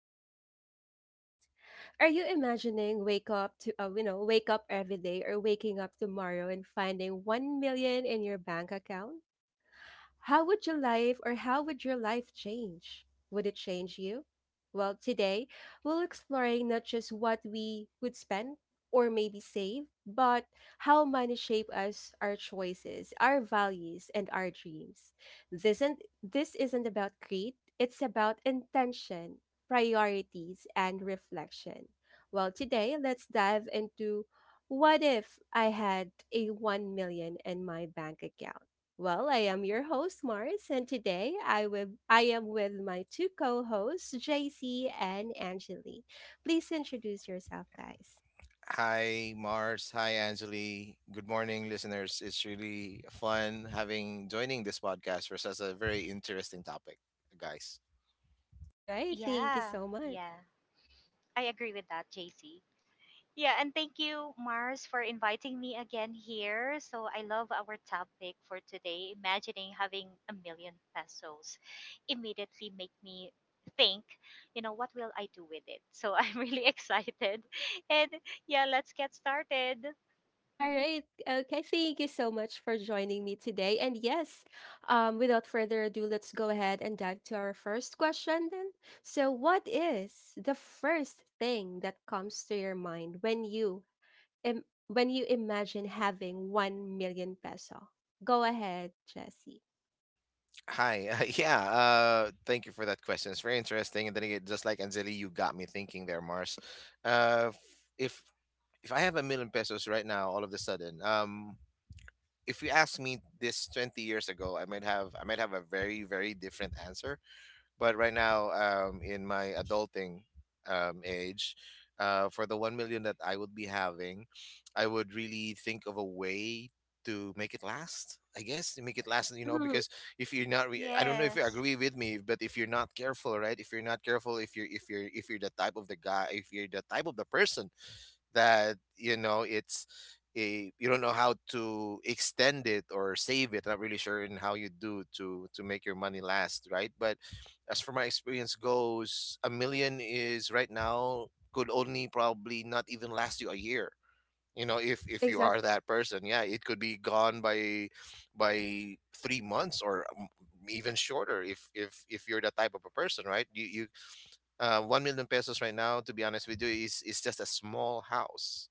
Glow Talk podcast. Are you imagining wake up to wake up every day or waking up tomorrow and finding 1 million in your bank account? How would your life change? Would it change you? Well, today we'll exploring not just what we would spend or maybe save, but how money shape us, our choices, our values, and our dreams. This isn't about greed, it's about intention, priorities, and reflection. Well, today let's dive into what if I had a 1 million in my bank account? Well, I am your host, Mars, and today I am with my two co-hosts, JC and Angeli. Please introduce yourself, guys. Hi, Mars. Hi, Anjali. Good morning, listeners. It's really fun having joining this podcast for such a very interesting topic, guys. All right, thank you Yeah, so much. yeah. I agree with that, JC. Yeah, and thank you, Mars, for inviting me again here. So I love our topic for today. Imagining having a million pesos immediately make me think, what will I do with it? So I'm really excited. And yeah, let's get started. All right, okay, thank you so much for joining me today. And yes, without further ado, let's go ahead and dive to our first question then. So, what is the first thing that comes to your mind when when you imagine having 1 million peso? Go ahead, Jesse. Hi. Yeah. Thank you for that question. It's very interesting. And then again, just like Anjali, you got me thinking there, Mars. Uh, f- if if I have a million pesos right now, all of a sudden, if you asked me this 20 years ago, I might have a very very different answer. But right now, in my adulting age, for the 1 million that I would be having, I would really think of a way to make it last. I guess to make it last, Mm-hmm. because if you're not, re- I don't know if you Yes. agree with me, but if you're not careful, right? If you're not careful, if you're the type of the guy, if you're the type of the person that it's a you don't know how to extend it or save it. Not really sure in how you do to make your money last, right? But as for my experience goes, a million is right now could only probably not even last you a year. You know, if you Exactly. are that person, yeah, it could be gone by 3 months or even shorter if you're that type of a person, right? You 1 million pesos right now, to be honest with you, is just a small house,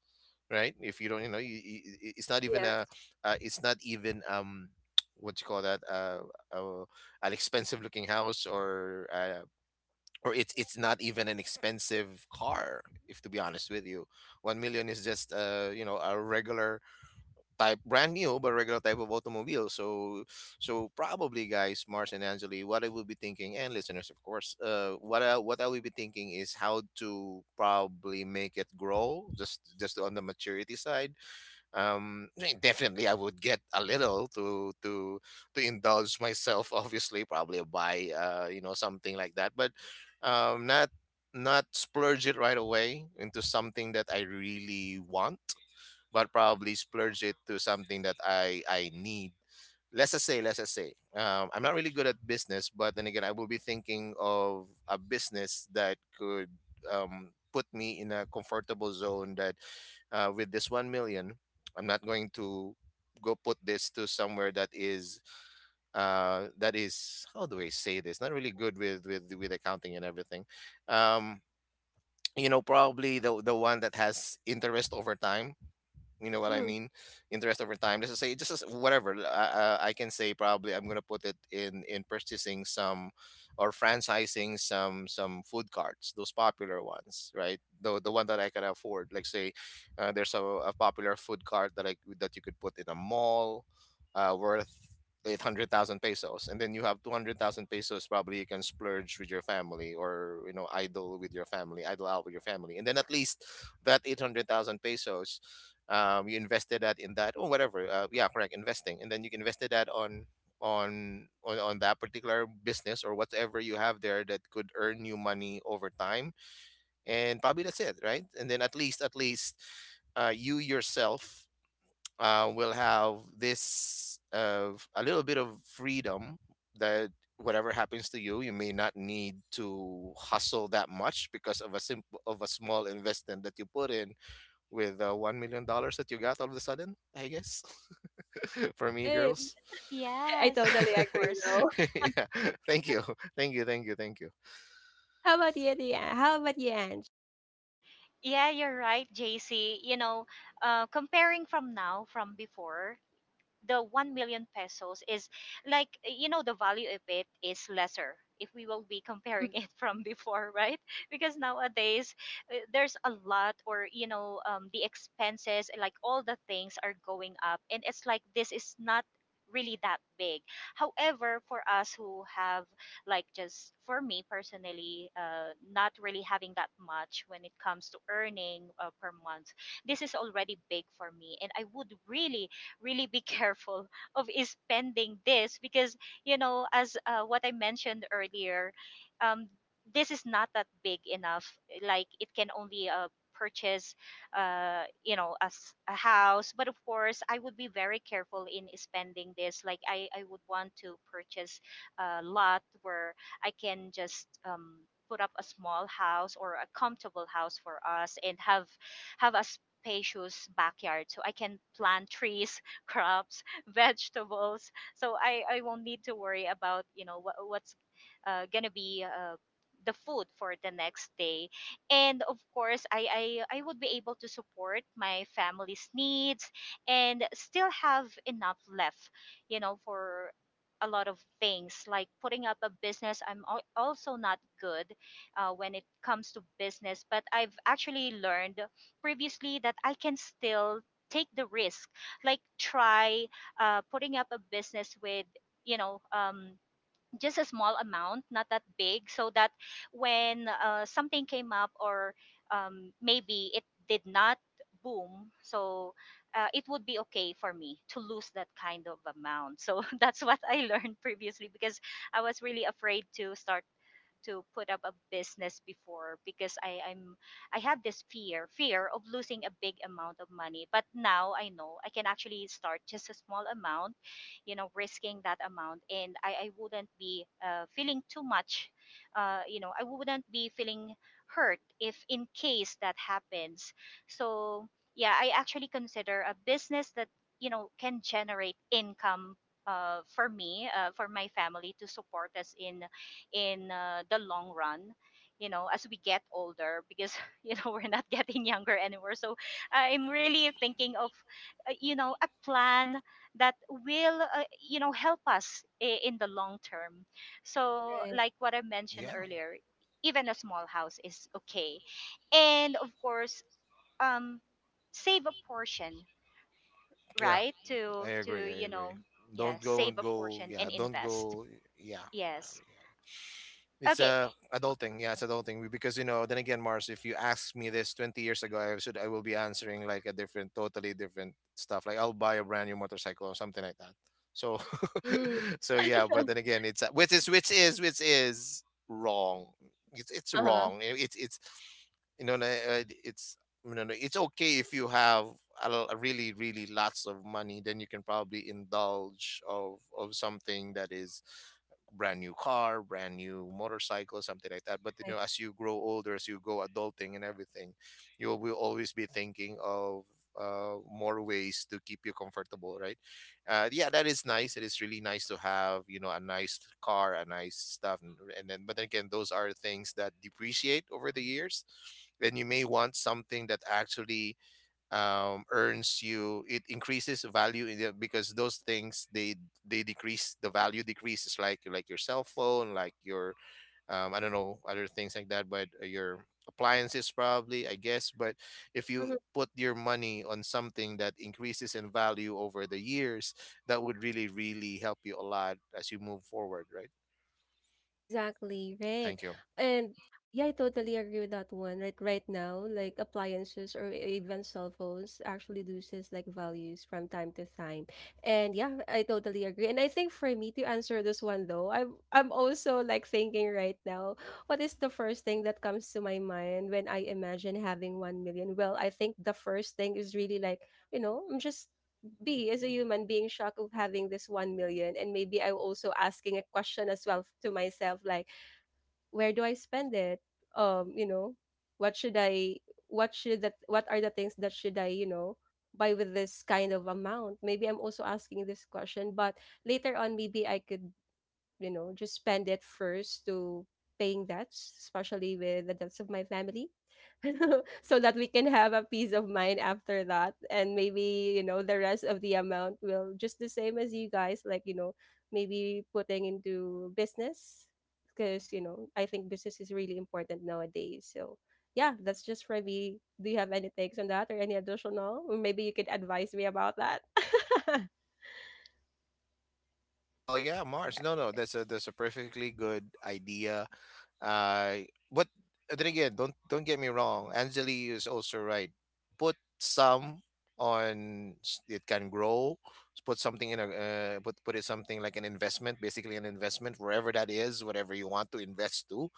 right? If you don't, i- it's not even Yes. a, it's not even what you call that, uh an expensive looking house, or it's not even an expensive car. If to be honest with you, 1 million is just, a regular type brand new but regular type of automobile. So, probably, guys, Mars and Angeli, what I will be thinking, and listeners, of course, what I will be thinking is how to probably make it grow, just on the maturity side. I mean, definitely I would get a little to indulge myself obviously, probably buy, something like that, but um not not splurge it right away into something that I really want, but probably splurge it to something that I need. Let's just say, I'm not really good at business, but then again, I will be thinking of a business that could, put me in a comfortable zone. That With this 1 million, I'm not going to go put this to somewhere that is, that is, how do I say this, not really good with with accounting and everything, um probably the one that has interest over time, you know what I Hmm. mean? Interest over time. Let's just say, just as, whatever. I can say probably I'm gonna put it in purchasing some or franchising some food carts, those popular ones, right? The one that I can afford. Like say, there's a popular food cart that I that you could put in a mall, worth 800,000 pesos, and then you have 200,000 pesos, probably you can splurge with your family, or, you know, idle out with your family, and then at least that 800,000 pesos, you invested that in that or whatever, yeah, correct, investing, and then you invested that on that particular business or whatever you have there that could earn you money over time. And probably that's it, right? And then, at least, you yourself, will have this of a little bit of freedom, that whatever happens to you may not need to hustle that much because of a simple of a small investment that you put in with, $1 million that you got all of a sudden, I guess. For me, Right. Y- girls. I yes, totally of agree, course. though. Yeah. Thank you. Thank you. Thank you. Thank you. How about you, Leanne? How about you, Ange? Yeah, you're right, JC. You know, comparing from now, from before, the 1 million pesos is like you know the value of it is lesser if we will be comparing Mhm. it from before, right? Because nowadays there's a lot, or you know the expenses, like all the things are going up and it's like this is not really that big. However, for us who have, like just for me personally, not really having that much when it comes to earning per month, this is already big for me, and I would really be careful of spending this because you know as what I mentioned earlier, um, this is not that big enough, like it can only purchase you know a, a house, but of course I would be very careful in spending this. Like I would want to purchase a lot where I can just put up a small house or a comfortable house for us, and have a spacious backyard so I can plant trees, crops, vegetables. So I won't need to worry about, you know, what's going to be the food for the next day. And of course, I would be able to support my family's needs and still have enough left, you know, for a lot of things, like putting up a business. Also not good when it comes to business, but I've actually learned previously that I can still take the risk, like try putting up a business with you know um, just a small amount, not that big, so that when something came up or maybe it did not boom, so it would be okay for me to lose that kind of amount. So that's what I learned previously, because I was really afraid to start, to put up a business before, because I have this fear of losing a big amount of money. But now I know I can actually start just a small amount, you know, risking that amount, and I wouldn't be feeling too much. You know, I wouldn't be feeling hurt if in case that happens. So yeah, I actually consider a business that you know can generate income for for my family to support us in the long run, you know, as we get older, because you know we're not getting younger anymore. So I'm really thinking of you know a plan that will you know help us in the long term. So Right. like what I mentioned Yeah. earlier, even a small house is okay, and of course um save a portion, Yeah. right? I to agree. I You agree. know, yeah, Don't go save and a portion and invest. go. Yeah. Yeah. Yes. It's Okay. adulting, yeah, it's adulting, because, then again, Mars, if you asked me this 20 years ago, I will be answering like a different, totally different stuff, like I'll buy a brand new motorcycle or something like that. So Mm-hmm. so yeah, but then again, it's which is which is which is wrong. It's Uh-huh. wrong. It's you know like, uh, it's okay if you have a really really lots of money, then you can probably indulge of something that is brand new car, brand new motorcycle, something like that. But, Right. As you grow older, as you go adulting and everything, you will always be thinking of, more ways to keep you comfortable, right? Yeah, that is nice. It is really nice to have, a nice car, a nice stuff, and then, but then again, those are things that depreciate over the years, and you may want something that actually, earns you it increases value because those things, they decrease the value decreases, like your cell phone, like your, I don't know, other things like that, but, your appliances probably, I guess. But if you put your money on something that increases in value over the years, that would really really help you a lot as you move forward, right? Exactly, right. Thank you. And yeah, I totally agree with that one. Right, right now, like appliances or even cell phones actually loses like values from time to time. And yeah, I totally agree. And I think for me to answer this one though, I'm also like thinking right now, what is the first thing that comes to my mind when I imagine having 1 million? Well, I think the first thing is really like, you know, I'm just be as a human being shocked of having this 1 million, and maybe I'm also asking a question as well to myself, like, where do I spend it? um you know what should i what are the things that should I buy with this kind of amount? Maybe I'm also asking this question, but later on maybe I could just spend it first to paying debts, especially with the debts of my family. So that we can have a peace of mind after that. And maybe the rest of the amount will just the same as you guys, like maybe putting into business, because I think business is really important nowadays. So yeah, that's just for me. Do you have any takes on that, or any additional, or maybe you could advise me about that? Well, yeah, Mars, no, no, that's a perfectly good idea. But then again, don't get me wrong. Anjali is also right. Put some it can grow. Put something in a put it something like an investment, basically an investment wherever that is, whatever you want to invest to.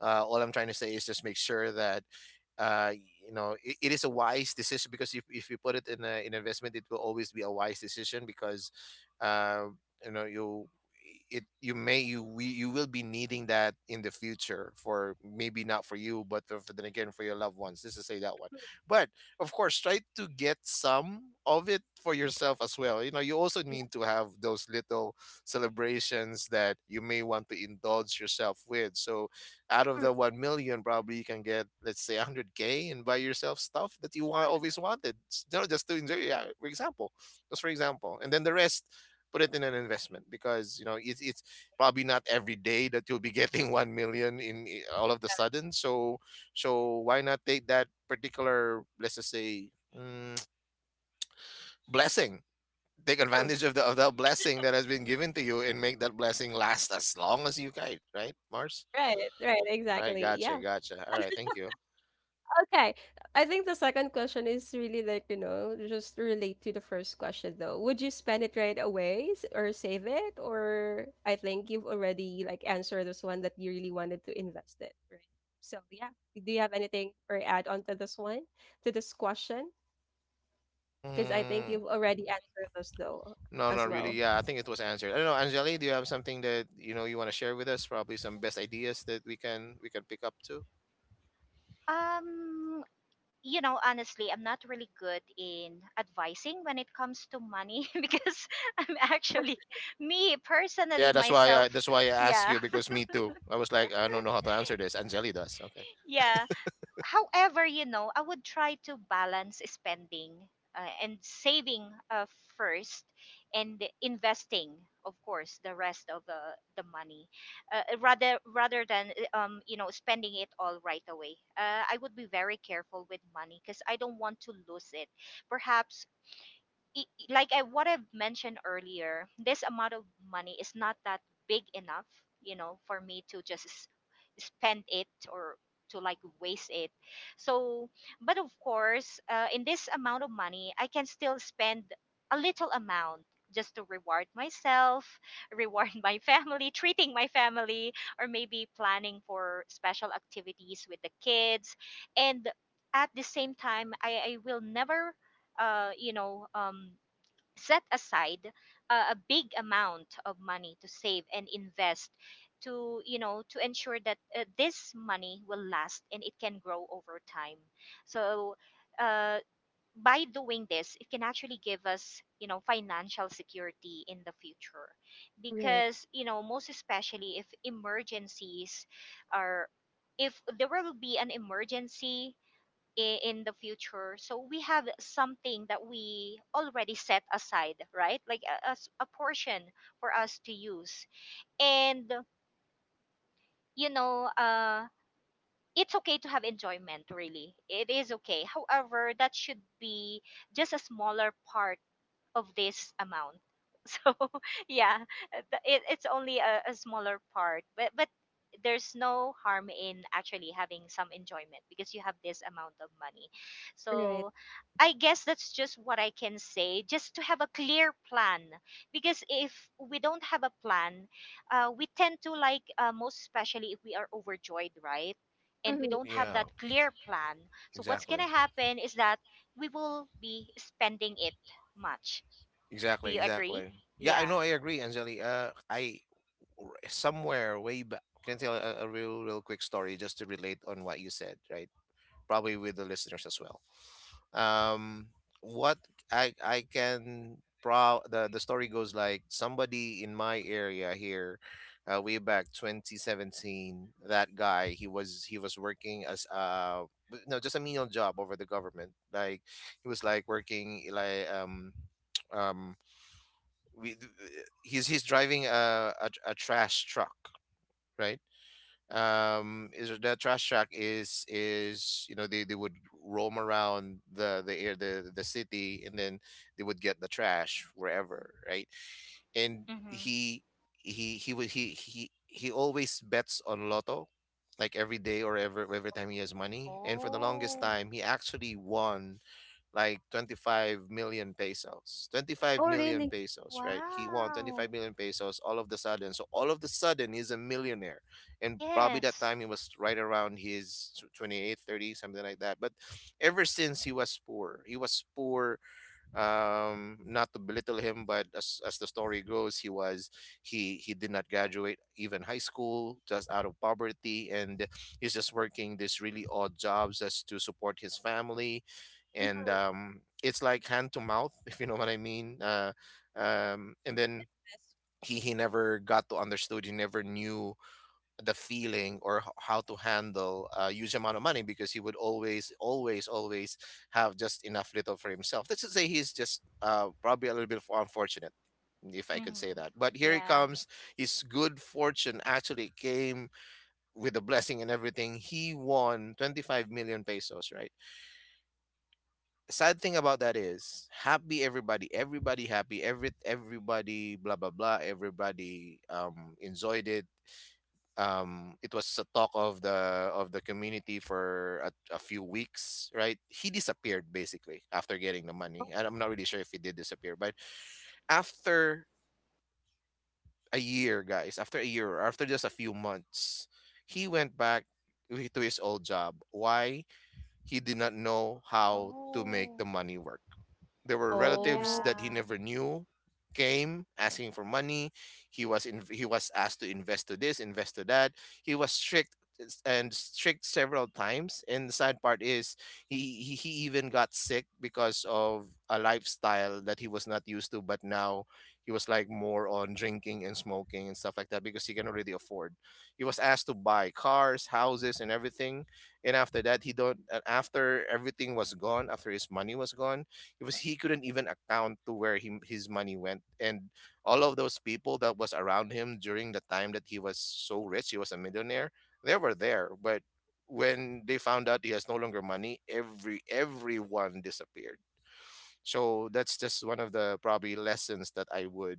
All I'm trying to say is just make sure that, uh, it is a wise decision, because if you put it in an investment, it will always be a wise decision, because, uh, you it you may you we, you will be needing that in the future, for maybe not for you, but for then again, for your loved ones. This is say that one, but of course try to get some of it for yourself as well. You know you also Yeah. need to have those little celebrations that you may want to indulge yourself with. So, out of the 1 million, probably you can get, let's say, 100K, and buy yourself stuff that you want always wanted, just to enjoy, yeah, for example, and then the rest, put it in an investment, because, it's probably not every day that you'll be getting 1 million in, all of the sudden. So why not take that particular, let's just say, mm, blessing, take Hmm. advantage of the of that blessing that has been given to you, and make that blessing last as long as you can, right, Mars? Right, All right, exactly, yeah. gotcha, all right, thank you. Okay. I think the second question is really like, just relate to the first question though. Would you spend it right away or save it? Or I think you've already like answered this one that you really wanted to invest it, right? So yeah. Do you have anything or add on to this one, to this question? Because I think Mm, you've already answered those though no, not as really. well. Yeah, I think it was answered. I don't know, Anjali, do you have something that you know you want to share with us? Probably some best ideas that we can pick up to. um you know, honestly, I'm not really good in advising when it comes to money because I'm actually, me personally That's why myself. I, that's why I asked Yeah. you, me too. I was like, I don't know how to answer this. Anjali does. Okay. Yeah. However, you know, I would try to balance spending and saving, first, and investing, of course, the rest of the money, rather than you know, spending it all right away. I would be very careful with money because I don't want to lose it. Perhaps i- like I, what I've mentioned earlier, this amount of money is not that big enough, you know, for me to just spend it or to like waste it. So, but of course, in this amount of money, I can still spend a little amount just to reward myself, reward my family, treating my family, or maybe planning for special activities with the kids. And at the same time, I will never uh, you know, um, set aside a big amount of money to save and invest, to you know to ensure that this money will last and it can grow over time. So uh, by doing this, it can actually give us you know financial security in the future, Right, because you know most especially if emergencies are, if there will be an emergency in the future, so we have something that we already set aside, right? Like a, a portion for us to use. And you know it's okay to have enjoyment, really, it is okay, however that should be just a smaller part of this amount. So yeah, it, it's only a smaller part, but there's no harm in actually having some enjoyment because you have this amount of money. right. So I guess that's just what I can say, just to have a clear plan. Because if we don't have a plan, we tend to like most especially if we are overjoyed, right? And we Hmm. don't have Yeah, that clear plan. So what's exactly. gonna happen is that we will be spending it much. Do Exactly, you agree? exactly. Yeah, I know, Yeah. I agree, Anjali. I somewhere way back can tell a real, real quick story just to relate on what you said, right? Probably with the listeners as well. Um what I can pro The story goes, like somebody in my area here, way back 2017, that guy, he was working as, no, just a menial job over the government, like he was like working, like, um we he's driving a trash truck, right? Is the trash truck is you know they would roam around the city, and then they would get the trash wherever, right? And Mm-hmm. He would he always bets on lotto, like every day, or every time he has money. And this Oh, time he actually won like 25 million pesos, 25 Oh, million really? pesos, right? wow. pesos All of the sudden. So all of the sudden, he's a millionaire, and probably that Yes. time he was right around his 28, 30, something like that. But ever since, he was poor, he was poor. Not to belittle him, but as the story goes, he was he did not graduate even high school, just out of poverty, and he's just working these really odd jobs just to support his family Hmm. and it's like hand to mouth if you know what I mean and Yes. then Yes. he never got to understood, he never knew the feeling or how to handle a huge amount of money, because he would always have just enough little for himself. Let's just say he's just probably a little bit unfortunate, if I could say Mm-hmm. that. But here he Yeah. comes, his good fortune actually came with a blessing and everything. He won 25 million pesos, right? Sad thing about that is, happy, everybody, everybody happy, everybody blah blah blah, everybody enjoyed it. It was a talk of the community for a few weeks, right? He disappeared basically after getting the money, and I'm not really sure if he did disappear, but after a year, guys, after a year or after just a few months, he went back to his old job. Why? He did not know how the Oh, money work. There were relatives Oh. that he yeah. never knew came asking for money. He was in, he was asked to invest to this, invest to that. He was strict and strict several times. And the sad part is he even got sick because of a lifestyle that he was not used to. But now he was like more on drinking and smoking and stuff like that because he can already afford. He was asked to buy cars, houses, and everything. And after that, he don't. After everything was gone, after his money was gone, because he couldn't even account to where his money went. And all of those people that was around him during the time that he was so rich, he was a millionaire, they were there, but when they found out he has no longer money, everyone disappeared. So that's just one of the probably lessons that I would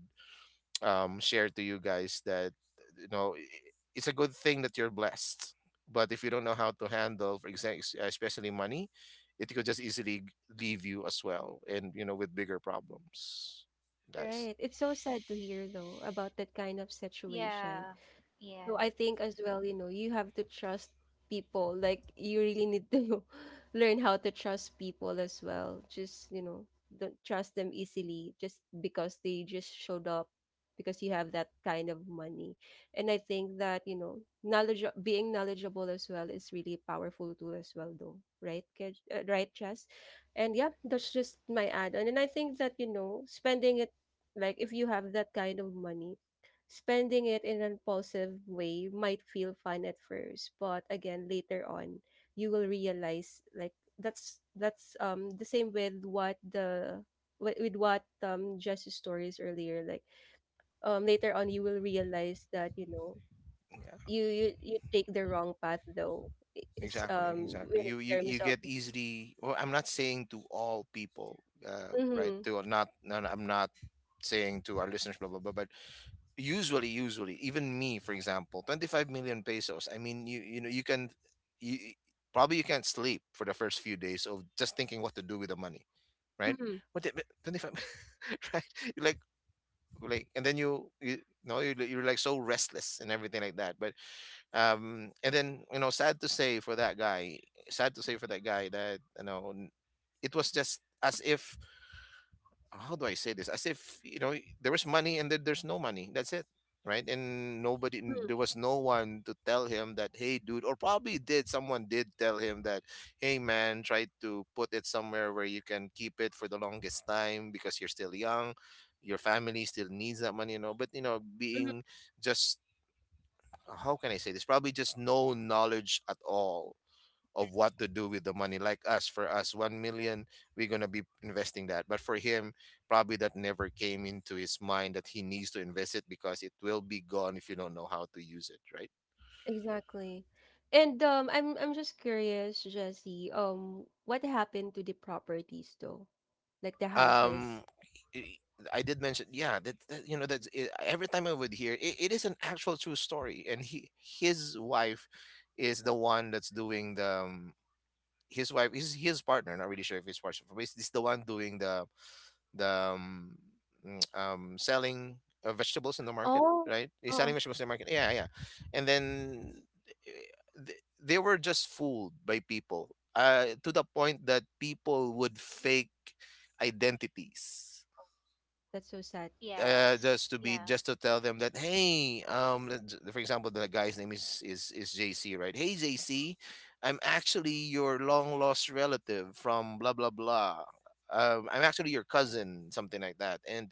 share to you guys, that you know, it's a good thing that you're blessed, but if you don't know how to handle, for example, especially money, it could just easily leave you as well, and you know, with bigger problems, guys. Right. It's so sad to hear though about that kind of situation. Yeah. Yeah. So I think as well, you know, you have to trust people. Like you really need to learn how to trust people as well. Just, you know, don't trust them easily just because they just showed up because you have that kind of money. And I think that, knowledge being knowledgeable as well is really a powerful tool as well though, right? Right, Chess? And yeah, that's just my add-on. And I think that, spending it, like, if you have that kind of money, spending it in an impulsive way might feel fun at first, but again later on you will realize like that's the same with with what Jess's stories earlier. Like, later on you will realize that, Yeah, you take the wrong path though. Is exactly exactly in you terms of... get easily, well, I'm not saying to all people, right, Mm-hmm. to not, no, no, I'm not saying to our listeners blah blah blah, but usually, even me, for example, 25 million pesos, I mean, you know, you can you you- probably you can't sleep for the first few days of just thinking what to do with the money, right? Mm-hmm. What the, 25 right? You like, and then you know you're like so restless and everything like that. But and then you know, sad to say for that guy, sad to say for that guy that you know, it was just as if, how do I say this? As if, you know, there was money and then there's no money. That's it, right? And Mm-hmm. there was no one to tell him that, hey, dude, or probably did someone did tell him that, hey, man, try to put it somewhere where you can keep it for the longest time because you're still young, your family still needs that money, you know. But you know, Mm-hmm. being just, how can I say this? Probably just no knowledge at all of what to do with the money. Like us, for us, 1 million, we're going to be investing that. But for him, probably that never came into his mind that he needs to invest it, because it will be gone if you don't know how to use it, right? Exactly. And I'm just curious, Jesse, what happened to the properties though? Like the Um, houses. i- I did mention, yeah, that, that every time I would hear it, it is an actual true story. And he, his wife is the one that's doing the, his wife is his partner, not really sure if his partner, but it's the one doing the um, selling vegetables in the market, Oh, right? He's oh. selling vegetables in the market. Yeah, yeah. And then they were just fooled by people, to the point that people would fake identities, That's so sad. Yes. just to be, Yeah. just to tell them that, hey, for example, the guy's name is is JC, right? Hey JC, I'm actually your long lost relative from blah blah blah, I'm actually your cousin, something like that. And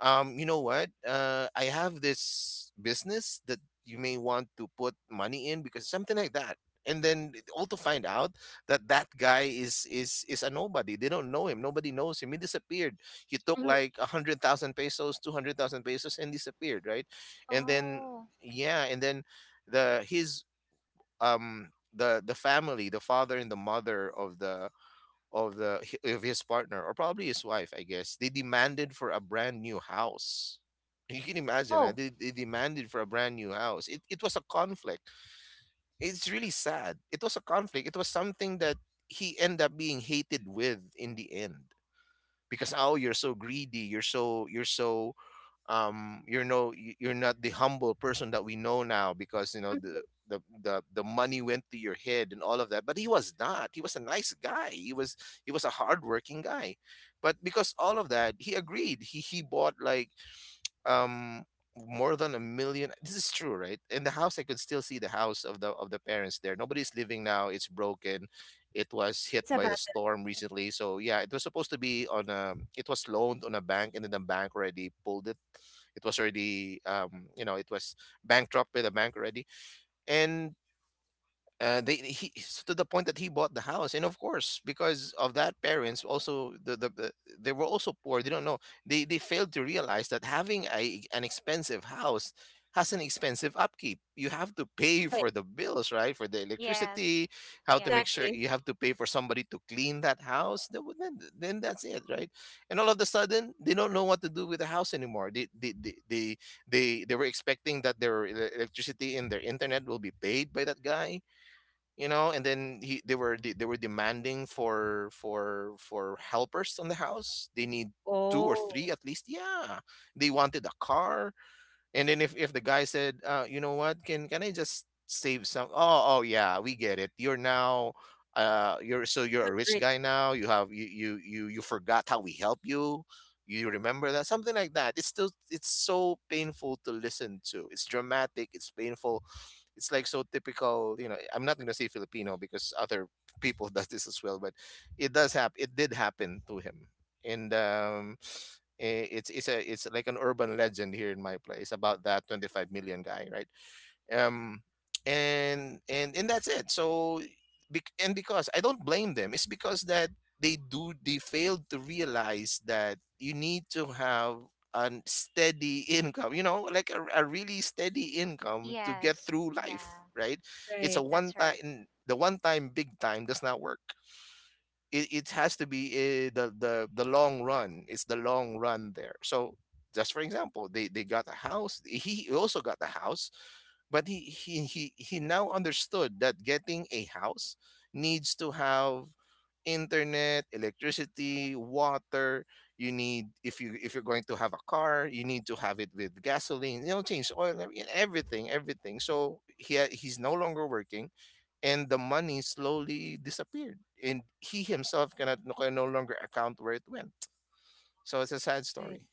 you know what? I have this business that you may want to put money in, because something like that. And then all to find out that that guy is is a nobody. They don't know him. Nobody knows him. He disappeared. He took Mhm. like 100,000 pesos, 200,000 pesos, and disappeared. Right. And then, Oh, yeah, and then the his the family, the father and the mother of the of the of his partner, or probably his wife, I guess. They demanded for a brand new house. You can imagine, Oh. They demanded for a brand new house. It was a conflict. It's really sad. It was a conflict. It was something that he ended up being hated with in the end, because oh, you're so greedy. You're so you're no you're not the humble person that we know now, because you know, Mhm. The money went to your head and all of that. But he was not, he was a nice guy, he was a hardworking guy. But because all of that, he agreed, he bought like um more than a million, this is true, right? In the house, I could still see the house of the parents there. Nobody's living now, it's broken. It was Oh, hit it's by about the that. storm recently. So yeah, it was supposed to be on a, it was loaned on a bank, and then the bank already pulled it. It was already you know, it was bankrupt with a bank already. And they he it's to the point that he bought the house, and of course, because of that, parents also, they were also poor, they don't know, they failed to realize that having a an expensive house has an expensive upkeep. You have to pay Right. for the bills, right? For the yes. electricity, how to make Yeah. sure, Exactly. you have to pay for somebody to clean that house, then that's it, right? And all of a sudden, they don't know what to do with the house anymore. They were expecting that their electricity and their internet will be paid by that guy, you know. And then he, they were they were demanding for for helpers on the house. They need two or three Oh, at least, yeah. They wanted a car. And then if the guy said, you know what, can I just save some? Oh, oh yeah, we get it. You're now, you're so, you're because a rich great. guy now. You have, you forgot how we help you. You remember that, something like that. It's still, it's so painful to listen to. It's dramatic. It's painful. It's like so typical. You know, I'm not gonna say Filipino because other people does this as well, but it does happen. It did happen to him. And it's a it's like an urban legend here in my place about that 25 million guy, right? um and that's it. So and because I don't blame them, it's because that they failed to realize that you need to have a steady income, you know, like a really steady income to get Yes. through life, Yeah. right? It's a Right. one That's right. time, the one time big time does not work. It has to be the the long run. It's the long run there. So just for example, they got a house. He also got a house, but he now understood that getting a house needs to have internet, electricity, water. You need, if you if you're going to have a car, you need to have it with gasoline. You know, change oil, I everything, everything. So he's no longer working, and the money slowly disappeared, and he himself can no longer account where it went. So it's a sad Right. story.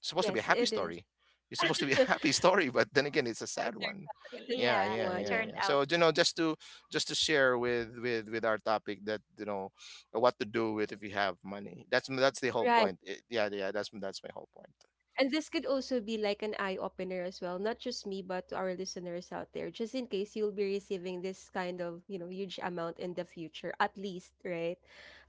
It's supposed to be a Yes, happy it is. story. It's supposed to be a happy story, but then again it's a sad one. It's a Yeah, sad Yeah. yeah, It one. yeah, Yeah. turned yeah, so out, just to share with our topic, that what to do with if you have money. That's the whole Right. point. Yeah, yeah, that's my whole point. And this could also be like an eye opener as well, not just me, but to our listeners out there, just in case you'll be receiving this kind of, you know, huge amount in the future, at least, right?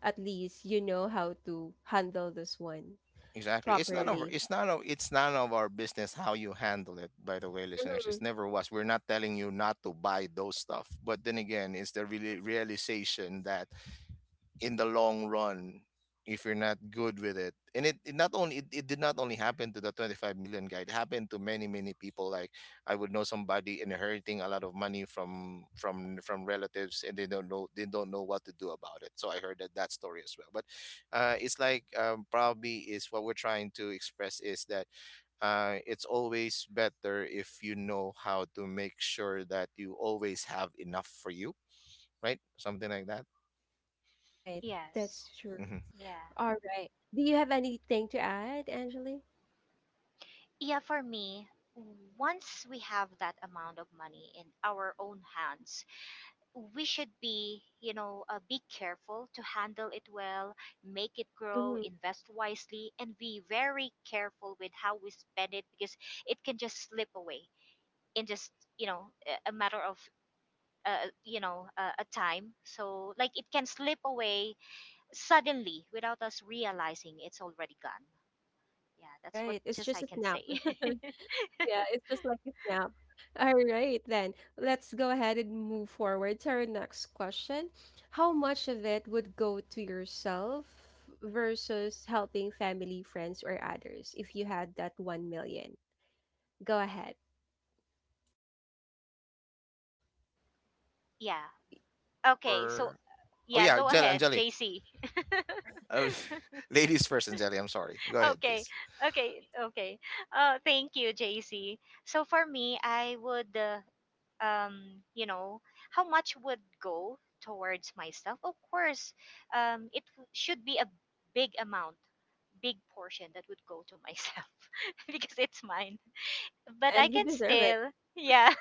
At least you know how to handle this one Exactly. It's none of properly. it's none of it's none of our business how you handle it, by the way, listeners. Mhm. It's never was. We're not telling you not to buy those stuff. But then again, it's the really realization that in the long run, if you're not good with it. And it did not only happen to the 25 million guy, it happened to many many people. Like, I would know somebody inheriting a lot of money from relatives, and they don't know what to do about it. So I heard that story as well. But it's like, probably is what we're trying to express is that it's always better if you know how to make sure that you always have enough for you. Right, something like that. Right. That's yes. true. Hmm. Yeah. All right. Do you have anything to add, Angeli? Yeah, for me, once we have that amount of money in our own hands, we should be, you know, be careful to handle it well, make it grow, Hmm. invest wisely, and be very careful with how we spend it, because it can just slip away in just, you know, a matter of, a time. So, like, it can slip away suddenly without us realizing it's already gone. Yeah, that's what Right. It's just I just a can snap. say. Yeah, it's just like a snap. All right, then let's go ahead and move forward to our next question. How much of it would go to yourself versus helping family, friends, or others if you had that 1 million? Go ahead. Yeah. Okay. So, For. Oh yeah, yeah, go Jelly, ahead, Anjali. JC. Uh, Ladies first, Anjali. I'm sorry. Go ahead, okay please. okay. Thank you, JC. So for me I would, you know, how much would go towards myself, of course it should be a big amount, big portion that would go to myself because it's mine. But I And you can deserve it. still, yeah,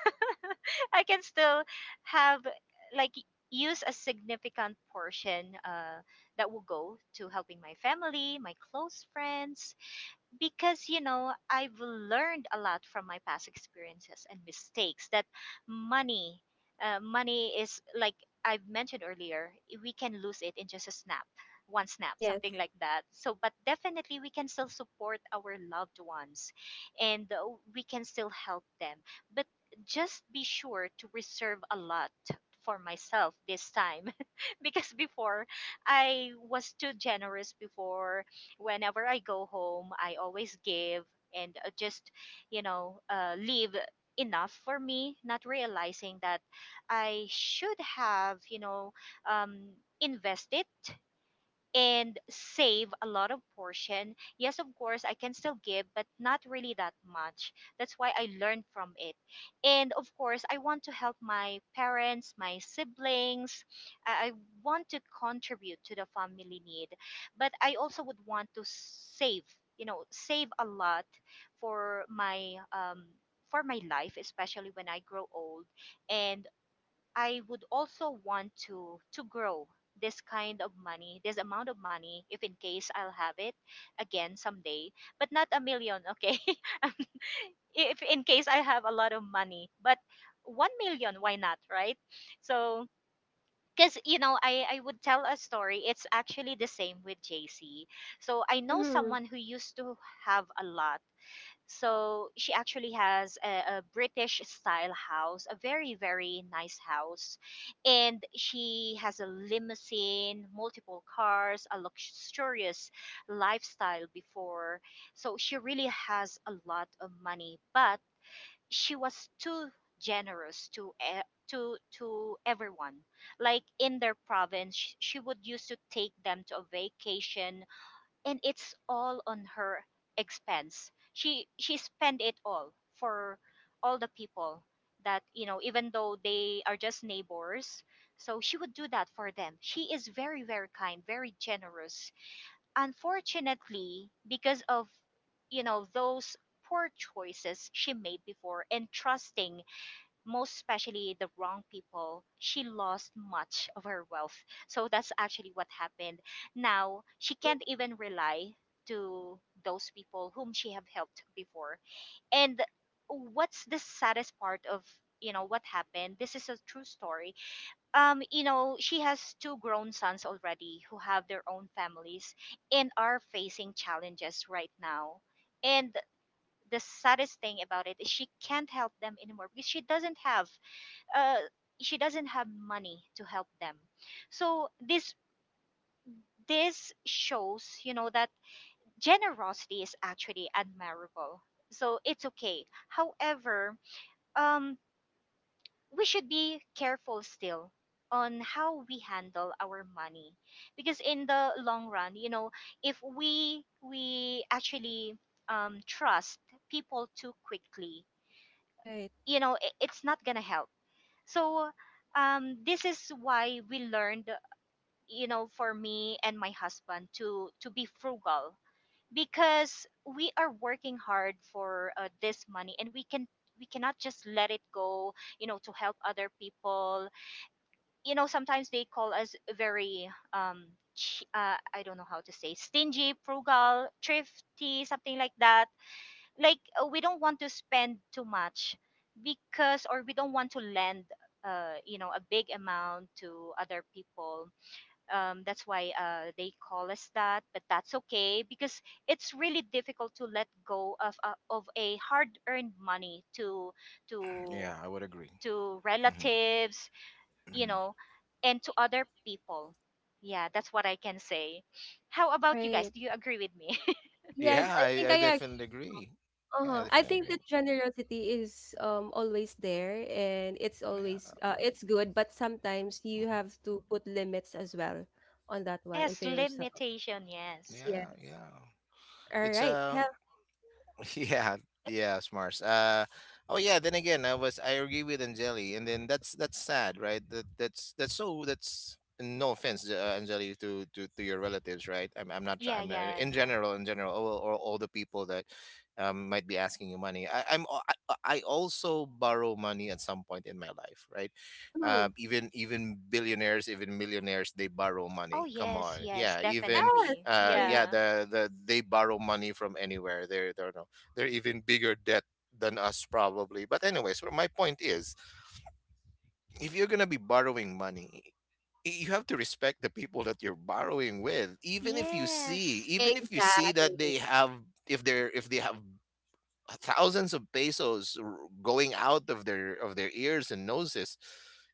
I can still have, like, use a significant portion that will go to helping my family, my close friends, because you know I've learned a lot from my past experiences and mistakes that money, money is like I've mentioned earlier, we can lose it in just a snap, one snap, something Yes. like that. So but definitely we can still support our loved ones, and we can still help them, but just be sure to reserve a lot for myself this time, because before I was too generous. Before, whenever I go home, I always give, and just, you know, leave enough for me, not realizing that I should have, um, invested and save a lot of portion. Yes, of course, I can still give, but not really that much. That's why I learned from it. And of course, I want to help my parents, my siblings. I want to contribute to the family need, but I also would want to save, you know, save a lot for my um for my life, especially when I grow old. And I would also want to grow this kind of money, this amount of money, if in case I'll have it again someday, but not a million, okay? If in case I have a lot of money, but 1 million, why not, right? So, because you know, I would tell a story. It's actually the same with JC. So I know Mhm. someone who used to have a lot. So she actually has a British style house, a very, very nice house. And she has a limousine, multiple cars, a luxurious lifestyle before. So she really has a lot of money, but she was too generous to, to everyone, like in their province she would used to take them to a vacation, and it's all on her expense. She spent it all for all the people that you know, even though they are just neighbors. So she would do that for them. She is very, very kind, very generous. Unfortunately, because of you know those poor choices she made before and trusting most especially the wrong people, she lost much of her wealth. So that's actually what happened. Now she Mm. can't even rely to those people whom she have helped before. And what's the saddest part of you know what happened? This is a true story. You know, she has two grown sons already who have their own families and are facing challenges right now. And the saddest thing about it is she can't help them anymore because she doesn't have uh, money to help them. So this shows, you know, that generosity is actually admirable. So it's okay. However, um, we should be careful still on how we handle our money because in the long run, you know, if we actually trust people too quickly, Right, you know, it's not gonna help. So this is why we learned, you know, for me and my husband to be frugal because we are working hard for this money, and we can we cannot just let it go, you know, to help other people. You know, sometimes they call us very I don't know how to say, stingy, frugal, thrifty, something like that. Like we don't want to spend too much because, or we don't want to lend you know, a big amount to other people. That's why they call us that, but that's okay because it's really difficult to let go of a hard earned money to Yeah, I would agree. to relatives, you Mhm. know, and to other people. Yeah, that's what I can say. How about you guys, right. do you agree with me? Yes, Yeah, I think I I... definitely agree. Yeah, I Uh-huh. I definitely think agree. that generosity is always there and it's Yeah, always it's good, but sometimes you mhm. have to put limits as well on that one and Yes, to yourself. limitation, yes. Yeah, Yes. yeah. All It's right. Hell. yeah, yeah, Mars. Oh yeah. Then again, I agree with Angeli, and then that's sad, right? That's no offense, Angeli, to your relatives, right? I'm I'm not try- Yeah, I'm not, yeah, in yeah. general in general or all the people that might be asking you money. I, I'm al- I also borrow money at some point in my life, right? Mm, Even billionaires, even millionaires, they borrow Oh money. Come yes, on, yes, yeah. yes. Even definitely, Yes. yeah, yeah. They borrow money from anywhere. They're, they're no they're even bigger debt than us, probably, but anyways, what my point is, if you're going to be borrowing money, you have to respect the people that you're borrowing with. even if you Yes, even if you see Exactly. that they have, if they have thousands of pesos going out of their ears and noses.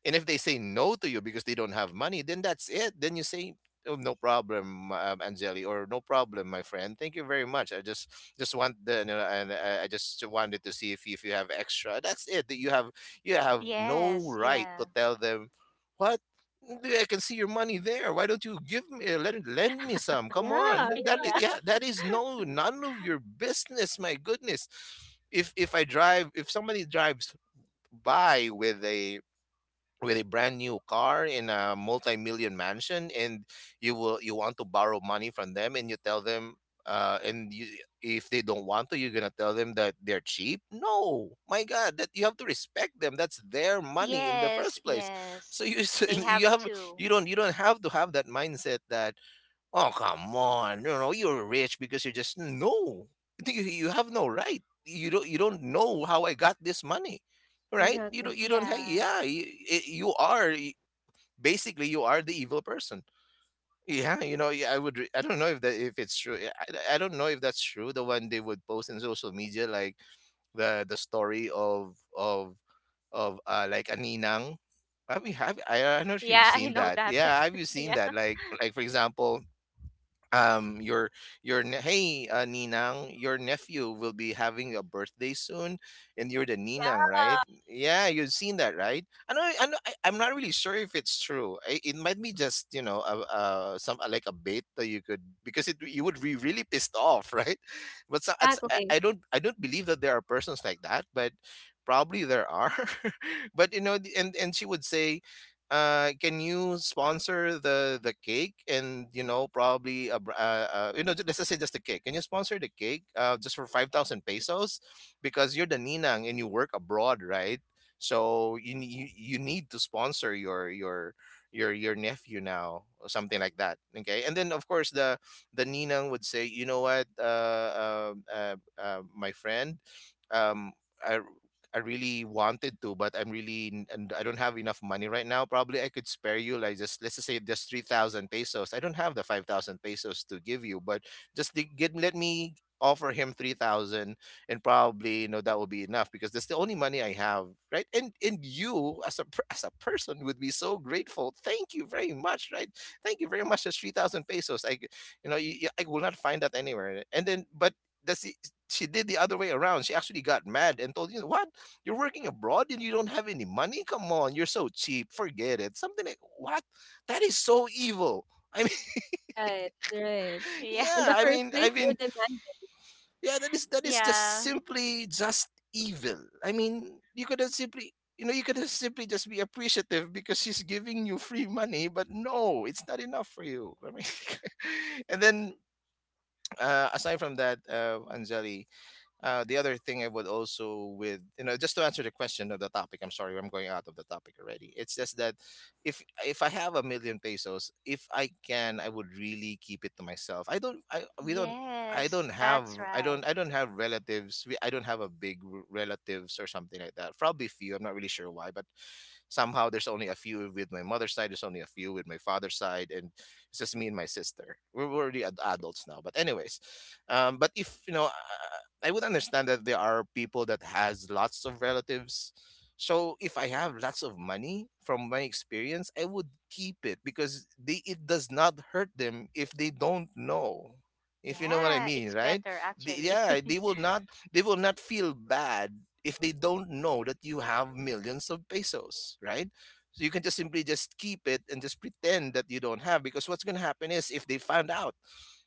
And if they say no to you because they don't have money, then that's it. Then you say, "Oh, no problem, Angeli," or, "No problem, my friend, thank you very much. I just want the you know, and I just wanted to see if you have extra." That's it. That you have you have no yes. right to Yeah. tell them, "What, I can see your money there, why don't you give me, lend me some." Come Yeah. on, Yeah. that is none of your business, my goodness. If somebody drives by with a brand new car in a multi-million mansion, and you want to borrow money from them, and you tell them, and you if they don't want to, you're gonna tell them that they're cheap. No, my god. That you have to respect them. That's their money in this Yes, place. yes. So you. They have you to. you don't have to have that mindset that, "Oh, come on. You know, you're rich because you just, no." You have no right. You don't know how I got this money. Right? Exactly. You don't have Yeah. yeah, you, it- you are basically you are the evil person. Yeah, you know, yeah, I don't know if it's true. Yeah, I don't know if that's true, the one they would post in social media, like the story of like a ninang. Have you have I don't know if you've Yeah, I seen know that. that. Yeah, have you seen yeah. that? Like, for example, um your hey, ninang, your nephew will be having a birthday soon, and you're the Yeah. ninang, right? Yeah, you've seen that, right? I know, I know. I'm not really sure if it's true. It might be just, you know, some, like a bait that you could, because it you would be really pissed off, right? But so, it's, Exactly. I don't believe that there are persons like that, but probably there are. But you know, and she would say, "Can you sponsor the cake," and, you know, probably a, br- you know ju- let's just say just the cake. "Can you sponsor the cake just for 5,000 pesos, because you're the ninang and you work abroad, right? So you need to sponsor your nephew now," or something like that. Okay. And then of course the ninang would say, "You know what, my friend, um I I really wanted to, but I'm really n- and I don't have enough money right now. Probably I could spare you, like, just, let's just say just 3,000 pesos. I don't have the 5,000 pesos to give you, but just to get let me offer him 3,000," and, probably, you know, that will be enough because that's the only money I have, right? And you, as a person, would be so grateful. Thank you very much, right? Thank you very much. That's 3,000 pesos. I g- you know you, I will not find that anywhere. And then, but that's the she did the other way around. She actually got mad and told you, "What? You're working abroad and you don't have any money? Come on, you're so cheap. Forget it." Something like what? That is so evil. I mean, Right. Right. Yeah. In yeah, the first place, you're demanding. yeah, that is Yeah. simply just evil. I mean, you could have simply just be appreciative because she's giving you free money, but no, it's not enough for you. I mean, and then, aside from that, Anjali. The other thing I would also with, you know, just to answer the question of the topic. I'm sorry, I'm going out of the topic already. It's just that, if I have a million pesos, if I can, I would really keep it to myself. I don't. I we don't Yes, don't have. that's I don't. right. I don't have relatives. I don't have a big relatives or something like that. Probably few. I'm not really sure why, but somehow there's only a few with my mother's side, there's only a few with my father's side, and it's just me and my sister, we're already adults now, but anyways, but if you know, I would understand that there are people that has lots of relatives. So if I have lots of money, from my experience I would keep it, because they it does not hurt them if they don't know, if you know what I Yeah, mean, it's right? better actually. Yeah, they will not feel bad if they don't know that you have millions of pesos, right? So you can just simply just keep it, and just pretend that you don't have, because what's going to happen is, if they find out,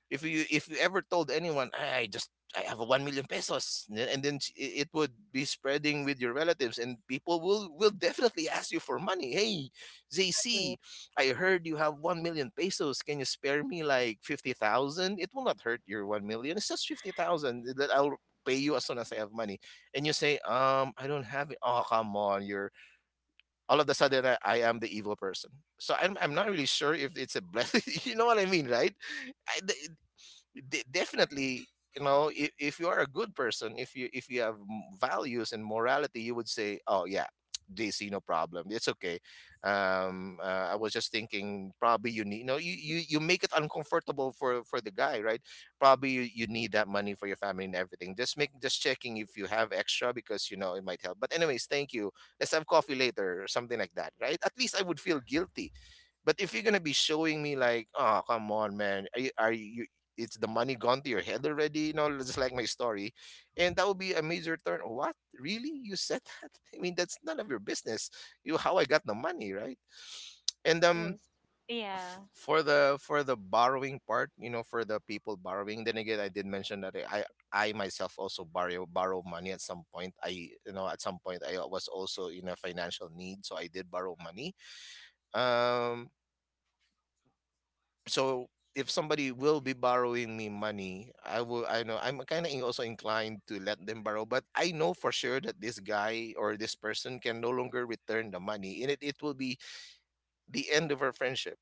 if you ever told anyone, "Ah, I just, I have a 1,000,000 pesos," n- and then s- I- it would be spreading with your relatives, and people will definitely ask you for money. "Hey, JC, I heard you have 1,000,000 pesos. Can you spare me like 50,000? It will not hurt your 1,000,000. It's just 50,000 that I'll pay you as soon as I have money." And you say, I don't have it." "Oh, come on. You're..." All of a sudden I am the evil person. So I'm not really sure if it's a blessing. You know what I mean, right? I, th- Definitely, you know, if you are a good person, if you have values and morality, you would say, "Oh yeah, DC, no problem, it's okay. I was just thinking, probably you need, you know, you, you make it uncomfortable for the guy, right? Probably you need that money for your family and everything. Just make just checking if you have extra, because you know it might help. But anyways, thank you. Let's have coffee later or something like that, right?" At least I would feel guilty. But if you're gonna be showing me like, "Oh, come on, man, are you? It's the money gone to your head already, you know, just like my story," and that would be a major turn. "What, really? You said that?" I mean, that's none of your business. You how I got the money, right? And Yes. yeah. for the borrowing part, you know, for the people borrowing. Then again, I did mention that I myself also borrow money at some point. I at some point I was also in a financial need, so I did borrow money. Um, so if somebody will be borrowing me money, I will. I know I'm kind of also inclined to let them borrow, but I know for sure that this guy or this person can no longer return the money, and it will be the end of our friendship.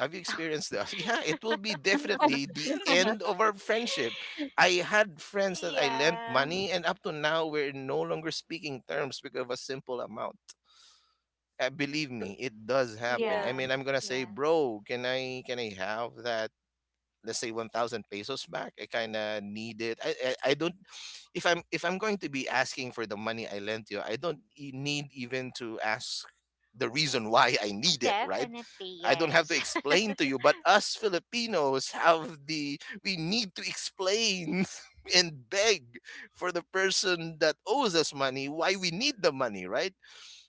Have you experienced that? Yeah, it will be definitely the Yeah. end of our friendship. I had friends that I lent Yeah. money, and up to now we're no longer speaking terms because of a simple amount. Believe Some, me, it does happen. yeah. I Yeah. mean, I'm gonna say, Yeah. bro, can I have that? Let's say 1000 pesos back. I kind of need it I don't. If I'm going to be asking for the money I lent you, I don't need even to ask the reason why I need it, right? Definitely I don't have yes. to you, but us Filipinos have the, we need to explain and beg for the person that owes us money why we need the money, right?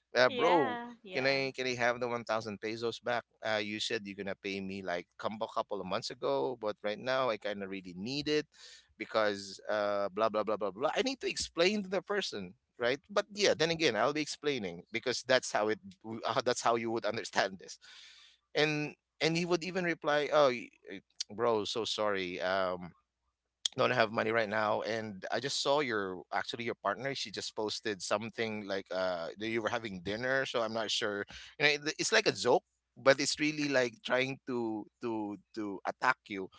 Bro, yeah. can Yeah. I have the 1,000 pesos back? You said you're gonna pay me like couple of months ago, but right now I kind of really need it because blah blah blah blah blah. I need to explain to the person, right? But yeah, then again, I'll be explaining because that's how it w- that's how you would understand this. And and he would even reply, "Oh, bro, so sorry. Don't have money right now, and I just saw your, actually your partner. She just posted something like that you were having dinner, so I'm not sure. You know, it- it's like a joke, but it's really like trying to attack you,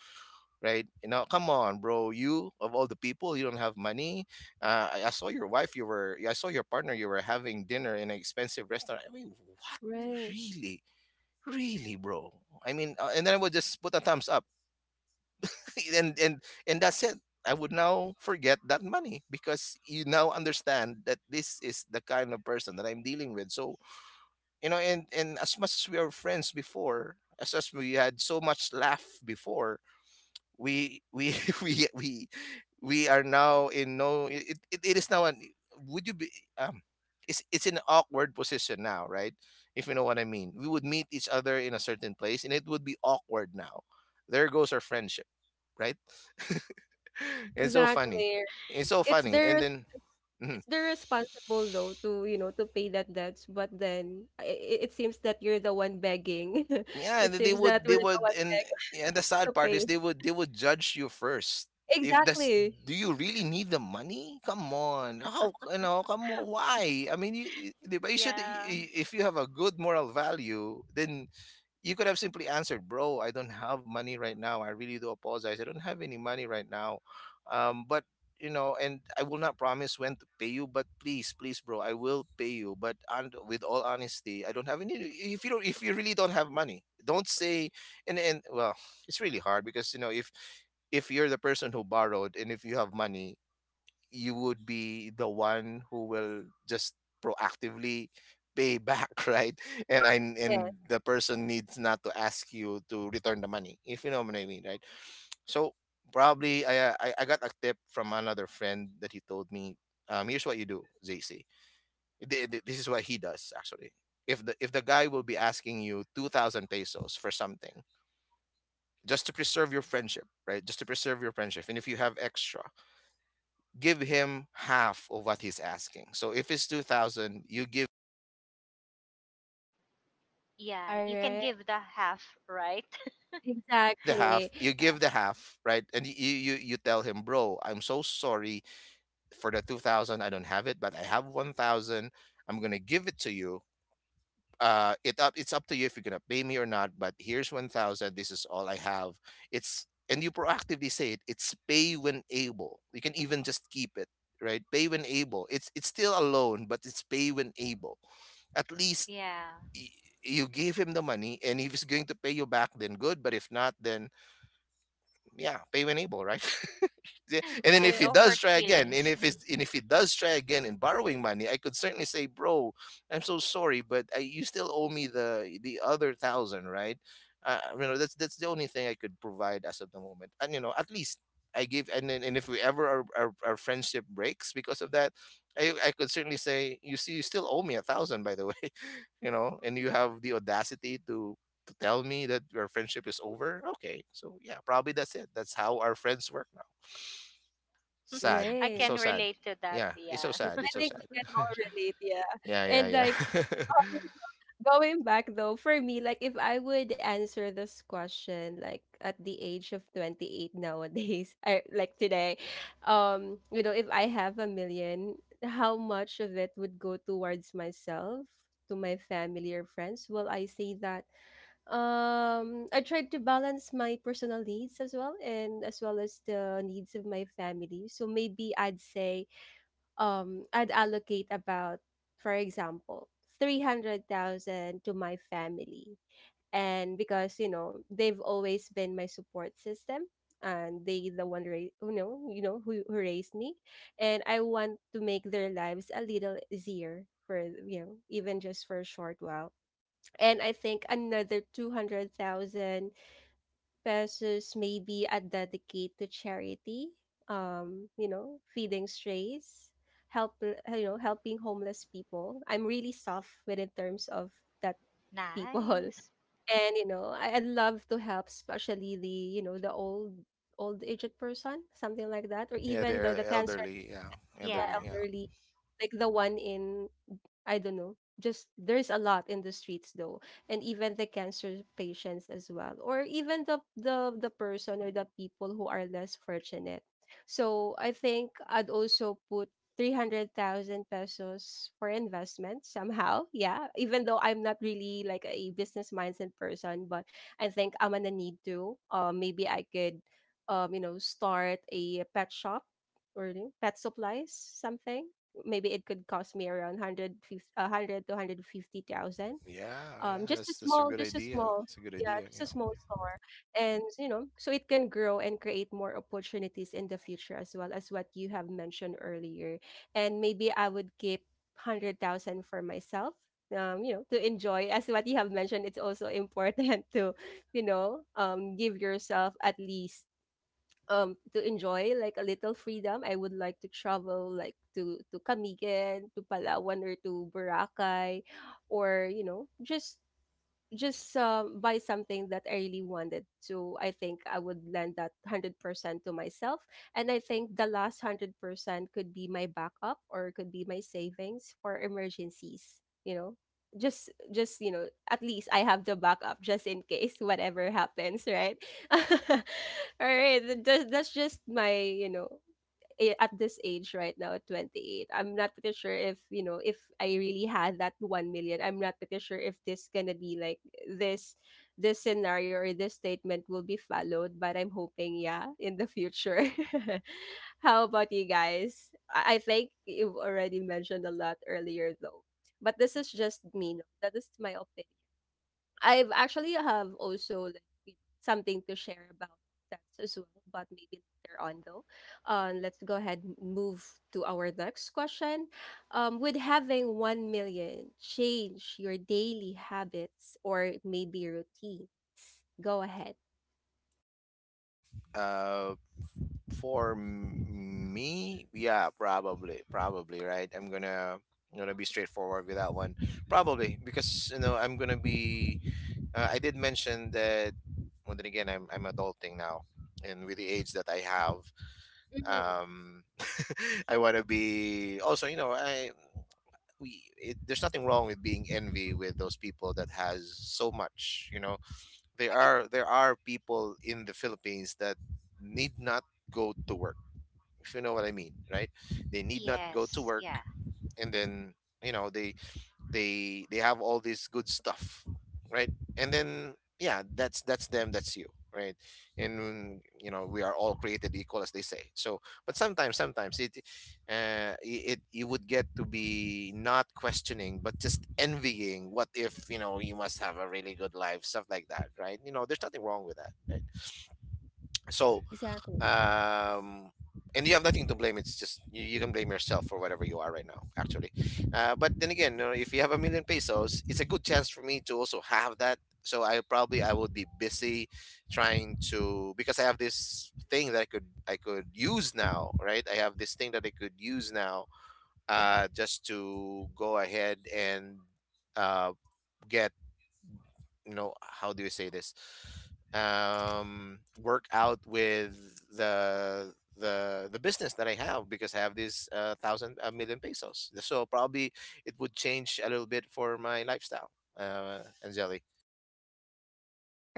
right? You know, come on, bro, you of all the people, you don't have money. I saw your wife. You were, I saw your partner, you were having dinner in an expensive restaurant. I mean, what, Right. really, really, bro? I mean, and then I would just put a thumbs up, and that's it. I would now forget that money because you now understand that this is the kind of person that I'm dealing with. So, and as much as we are friends before, as we had so much laugh before, we we we we are now in, no, it is now an, would you be, um it's an awkward position now, right? If you know what I mean, we would meet each other in a certain place and it would be awkward now. There goes our friendship, right? It's so funny. Exactly. It's so It's funny. their And it's then mhm. it's their responsible though to, you know, to pay that debts, but then it seems that you're the one begging. Yeah, and It then they seems that would they we're the would one and begging and the to sad part is pay. they would judge you first. If that's, Exactly. do you really need the money? Come on. How, come on, why? I mean, di ba, you should, Yeah. If you have a good moral value, then you could have simply answered, "Bro, I don't have money right now. I really do apologize. I don't have any money right now." But and I will not promise when to pay you, but please, please, bro, I will pay you. But and with all honesty, I don't have any. If you don't, if you really don't have money, don't say. And well, it's really hard because, you know, if you're the person who borrowed and if you have money, you would be the one who will just proactively pay back right. Yes. And the person needs not to ask you to return the money, if you know what I mean, right? So, probably, I got a tip from another friend that he told me. Here's what you do, JC. This is what he does, actually. If the guy will be asking you 2000 pesos for something, just to preserve your friendship, right, just to preserve your friendship, and if you have extra, give him half of what he's asking. So if it's 2000, you give Yeah, All you can right. give the half, right? give the Exactly. half, you Uh, give the half, right? And you tell him, "Bro, I'm so sorry for the 2000. I don't have it, but I have 1000. I'm going to give it to you. It up it's up to you if you're going to pay me or not, but here's 1000. This is all I have." It's, and you proactively say it, it's pay when able. You can even just keep it, right? Pay when able. It's still a loan, but it's pay when able, at least. yeah. y- you give him the money, and if he's going to pay you back, then good, but if not, then yeah, pay when able, right? Yeah, and then Yeah, if he Yes. no does hurt try again, and feelings. if it's and if he does try again in borrowing money, I could certainly say, bro, I'm so sorry, but you still owe me the other thousand, right? You know, that's the only thing I could provide as of the moment, and, you know, at least I give. And then, and if we ever our friendship breaks because of that, I could certainly say, you see, you still owe me a thousand, by the way. You know, and you have the audacity to tell me that our friendship is over. Okay. So yeah, probably that's it. That's how our friends work now. Sad. I Right. can So sad. relate to that. Yeah, it's so Yes. Yeah. sad. I It's so think sad. we can all relate, yeah. Yeah, And yeah, like, yeah. um, going back though, for me, like if I would answer this question like at the age of 28 nowadays, I like today, if I have a million, how much of it would go towards myself, to my family, or friends? Well, I say that I tried to balance my personal needs as well, and as well as the needs of my family. So maybe I'd say I'd allocate about, for example, 300,000 to my family. And because, you know, they've always been my support system, and they the one ra- you know who raised me, and I want to make their lives a little easier for, you know, even just for a short while. And I think another 200,000 pesos may be a dedicate to charity, feeding strays, help, helping homeless people. I'm really soft with in terms of that people. Nice. And you know, I love to help, especially the old aged person, something like that, or Yeah, even the, they're the cancer elderly. Yeah, patients. Yeah, elderly. Yeah. Yeah. elderly, like the one in... I don't know. Just there's a lot in the streets though, and even the cancer patients as well, or even the person or the people who are less fortunate. So I think I'd also put 300,000 pesos for investment somehow. Yeah, even though I'm not really like a business mindset person, but I think I'm gonna need to. Maybe I could, start a pet shop, or you know, pet supplies something. Maybe it could cost me around 150 100 to 150,000. Yeah, yeah. That's a good Just a idea. small It's a good yeah, idea. just a Yeah. small store. And you know, so it can grow and create more opportunities in the future, as well as what you have mentioned earlier. And maybe I would keep 100,000 for myself, you know, to enjoy. As what you have mentioned, it's also important to, you know, give yourself at least to enjoy like a little freedom. I would like to travel, like, to Camigan, to Palawan, or to Boracay, or you know, just buy something that I really wanted to. I think I would lend that 100% to myself. And I think the last 100% could be my backup, or could be my savings for emergencies, you know? Just, at least I have the backup just in case whatever happens, right? All right, that's just my, you know, at this age right now, at 28, I'm not pretty sure if, you know, if I really had that 1 million, I'm not pretty sure if this gonna be like this this scenario, or this statement will be followed, but I'm hoping, yeah, in the future. How about you guys? I think you've already mentioned a lot earlier though, but this is just me, no? That is my opinion. I've actually have also, like, you know, something to share about that as well, but maybe later on though. Let's go ahead and move to our next question. Would having 1 million change your daily habits or maybe routines? Go ahead. Uh, Me, yeah, probably, probably. Right. I'm gonna be straightforward with that one. Probably because, I'm gonna be. I did mention that. Well, then again, I'm adulting now, and with the age that I have, Hmm. um, I want to be also. You know, I, we, it, there's nothing wrong with being envy with those people that has so much. You know, there Right. are there are people in the Philippines that need not go to work. If you know what I mean, right? They need not go to Yes. work, Yeah. and then, you know, they have all this good stuff, right? And then, yeah, that's them, that's you, right? And, you know, we are all created equal, as they say. So, but sometimes, sometimes it, you would get to be, not questioning, but just envying. What if, you know, you must have a really good life, stuff like that, right? You know, there's nothing wrong with that, right? So, Exactly. um and you have nothing to blame. It's just you can blame yourself for whatever you are right now, actually. But then again, if you have a million pesos, it's a good chance for me to also have that. So, I probably I would be busy trying to, because I have this thing that I could use now, right? I have this thing that I could use now. Just to go ahead and, uh, get, you know, how do you say this, work out with the business that I have, because I have this thousand a million pesos. So probably it would change a little bit for my lifestyle. Angeli.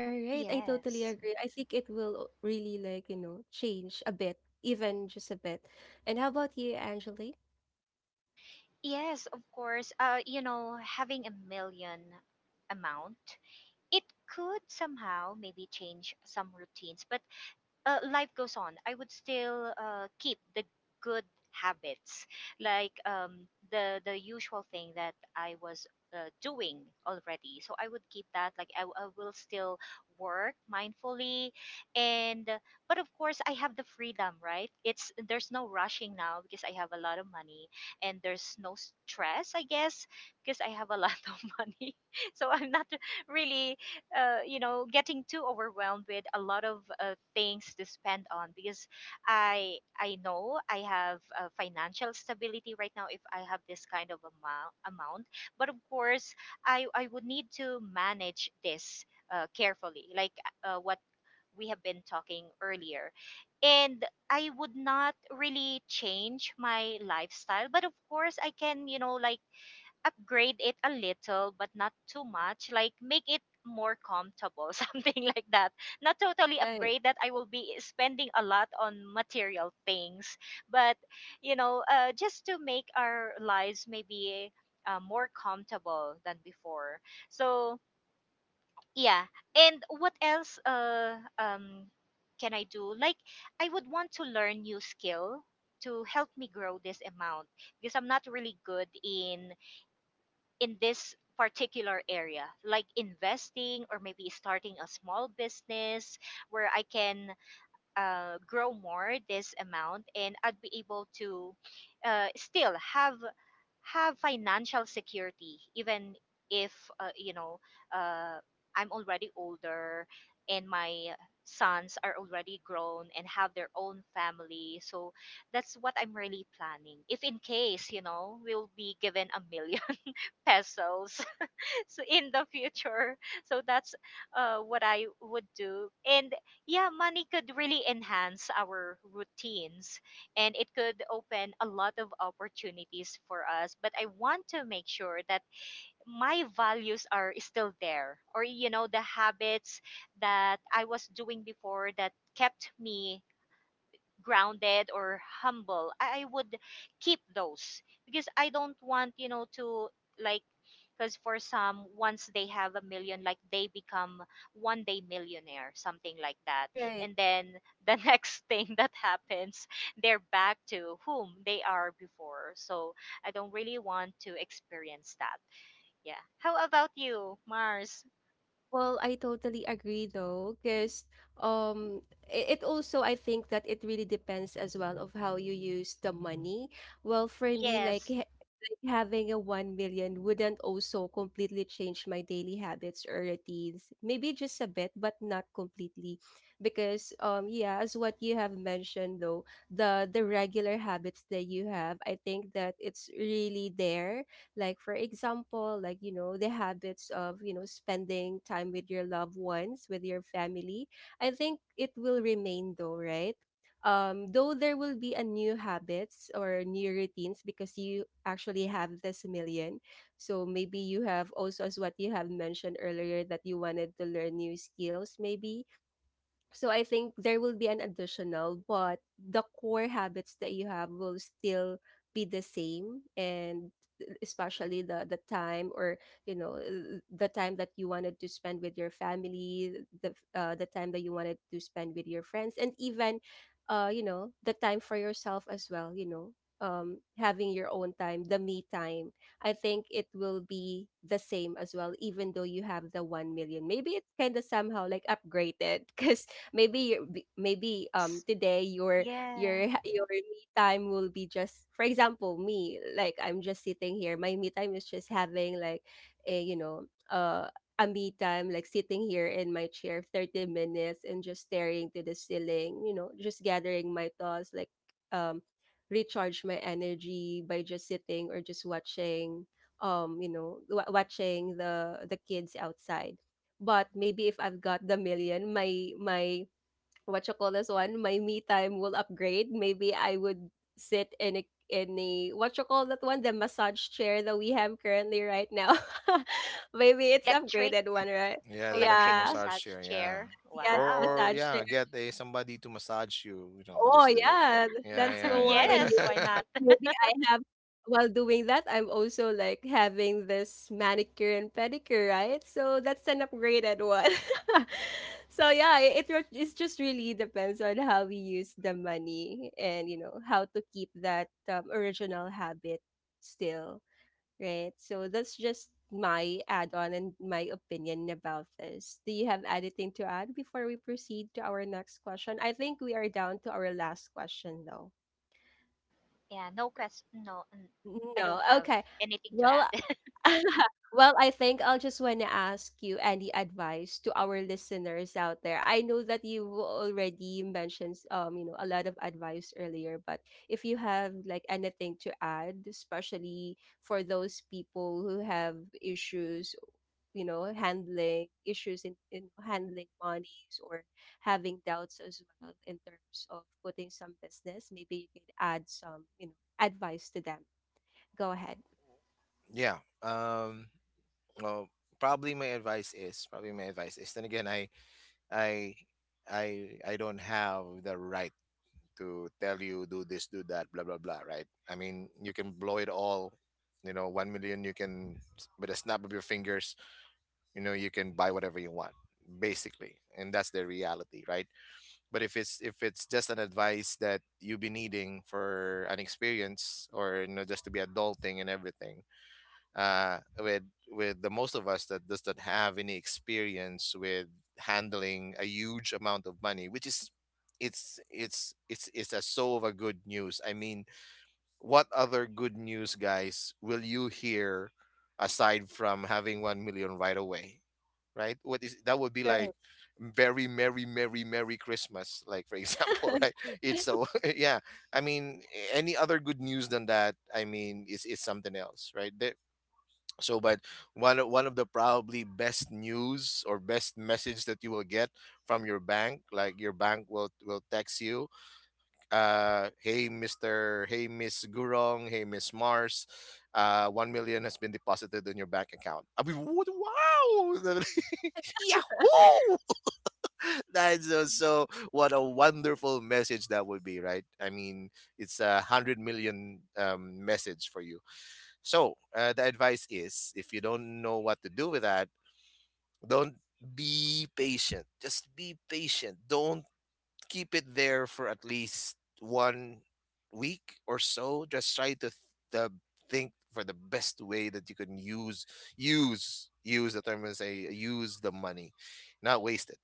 All right, I totally Yes. agree. I think it will really like, you know, change a bit, even just a bit. And how about you, Angeli? Yes, of course. You know, having a million amount, it could somehow maybe change some routines, but life goes on. I would still keep the good habits, like the usual thing that I was doing already. So I would keep that. Like I will still work mindfully, and but of course I have the freedom, right? It's, there's no rushing now because I have a lot of money, and there's no stress, I guess, because I have a lot of money. So I'm not really you know, getting too overwhelmed with a lot of things to spend on because I know I have financial stability right now. If I have this kind of amount. But of course I would need to manage this carefully, like what we have been talking earlier. And I would not really change my lifestyle, but of course I can, you know, like, upgrade it a little, but not too much, like make it more comfortable something like that. Not totally Right, upgrade, that I will be spending a lot on material things, but you know, just to make our lives maybe more comfortable than before. So yeah. And what else, can I do? Like I would want to learn new skill to help me grow this amount, because I'm not really good in this particular area, like investing or maybe starting a small business where I can grow more this amount, and I'd be able to still have financial security, even if you know, uh, I'm already older and my sons are already grown and have their own family. So that's what I'm really planning, if in case, you know, we'll be given a million pesos so in the future. So that's what I would do. And yeah, money could really enhance our routines and it could open a lot of opportunities for us, but I want to make sure that my values are still there, or you know, the habits that I was doing before that kept me grounded or humble. I would keep those, because I don't want, you know, to like, because for some, once they have a million, like, they become one day millionaire, something like that. right. And then the next thing that happens, they're back to whom they are before. So I don't really want to experience that. Yeah, how about you, Mars? Well, I totally agree though, because it also I think that it really depends as well of how you use the money. Well, for me, Yes, like having a 1 million wouldn't also completely change my daily habits or routines. Maybe just a bit, but not completely, because yeah, as what you have mentioned though, the regular habits that you have, I think that it's really there, like for example, like, you know, the habits of, you know, spending time with your loved ones, with your family. I think it will remain though, right? Though there will be a new habits or new routines because you actually have this million. So maybe you have also, as what you have mentioned earlier, that you wanted to learn new skills maybe. So I think there will be an additional, but the core habits that you have will still be the same, and especially the time, or, you know, the time that you wanted to spend with your family, the the time that you wanted to spend with your friends, and even you know, the time for yourself as well, you know, having your own time, the me time. I think it will be the same as well, even though you have the 1 million, maybe it kind of somehow like upgraded because maybe you, maybe yes, um today yeah. your your me time will be just, for example, me like I'm just sitting here. My me time is just having like a, you know, a me time, like sitting here in my chair 30 minutes and just staring to the ceiling, you know, just gathering my thoughts, like um recharge my energy by just sitting or just watching, you know, watching the kids outside. But maybe if I've got the million, my, what you call this one, my me time will upgrade. Maybe I would sit in a what you call that one, the massage chair that we have currently right now. Maybe it's Electric. upgraded one, right? Yeah, the electric Electric Yeah. massage massage chair. Yeah, chair, Yeah, the wow. or massage. yeah, get a somebody to massage you. You know, Oh just the, yeah, yeah, that's the one. yeah, And Yes, maybe, why yeah. not? maybe I have, while doing that, I'm also like having this manicure and pedicure, right? So that's an upgraded one. So yeah, it's just really depends on how we use the money, and you know how to keep that original habit still. Right. So that's just my add on and my opinion about this. Do you have anything to add before we proceed to our next question? I think we are down to our last question, though. Yeah, no question. No, n- I No. don't have. Okay. Anything to Well, add? well, I think I'll just want to ask you any advice to our listeners out there. I know that you already mentioned you know, a lot of advice earlier, but if you have like anything to add, especially for those people who have issues, you know, handling issues in handling monies, or having doubts as well in terms of putting some business, maybe you could add some, you know, advice to them. Go ahead. Yeah. Um, well, probably my advice is. Then again, I I don't have the right to tell you do this, do that, blah blah blah. Right? I mean, you can blow it all. You know, 1 million. You can, with a snap of your fingers. You know, you can buy whatever you want, basically, and that's the reality, right? But if it's, if it's just an advice that you've been needing for an experience, or, you know, just to be adulting and everything, uh, with with the most of us that does not have any experience with handling a huge amount of money, which is, it's a so of a good news. I mean, what other good news, guys, will you hear aside from having 1 million right away? Right? What is, that would be Right. like very, merry, merry, merry Christmas, like, for example. Right? It's so. Yeah. I mean, any other good news than that? I mean, it's something else right there. So, but, one of the probably best news or best message that you will get from your bank, like, your bank will text you, "Hey, Mister, hey, Miss Gurong, hey, Miss Mars, 1 million has been deposited in your bank account." I mean, what, wow. Yahoo! That's so, so. What a wonderful message that would be, right? I mean, it's a hundred million message for you. So, the advice is, if you don't know what to do with that, don't, be patient. Just be patient. Don't keep it there for at least one week or so. Just try to, th- the think for the best way that you can use the term and say use the money, not waste it,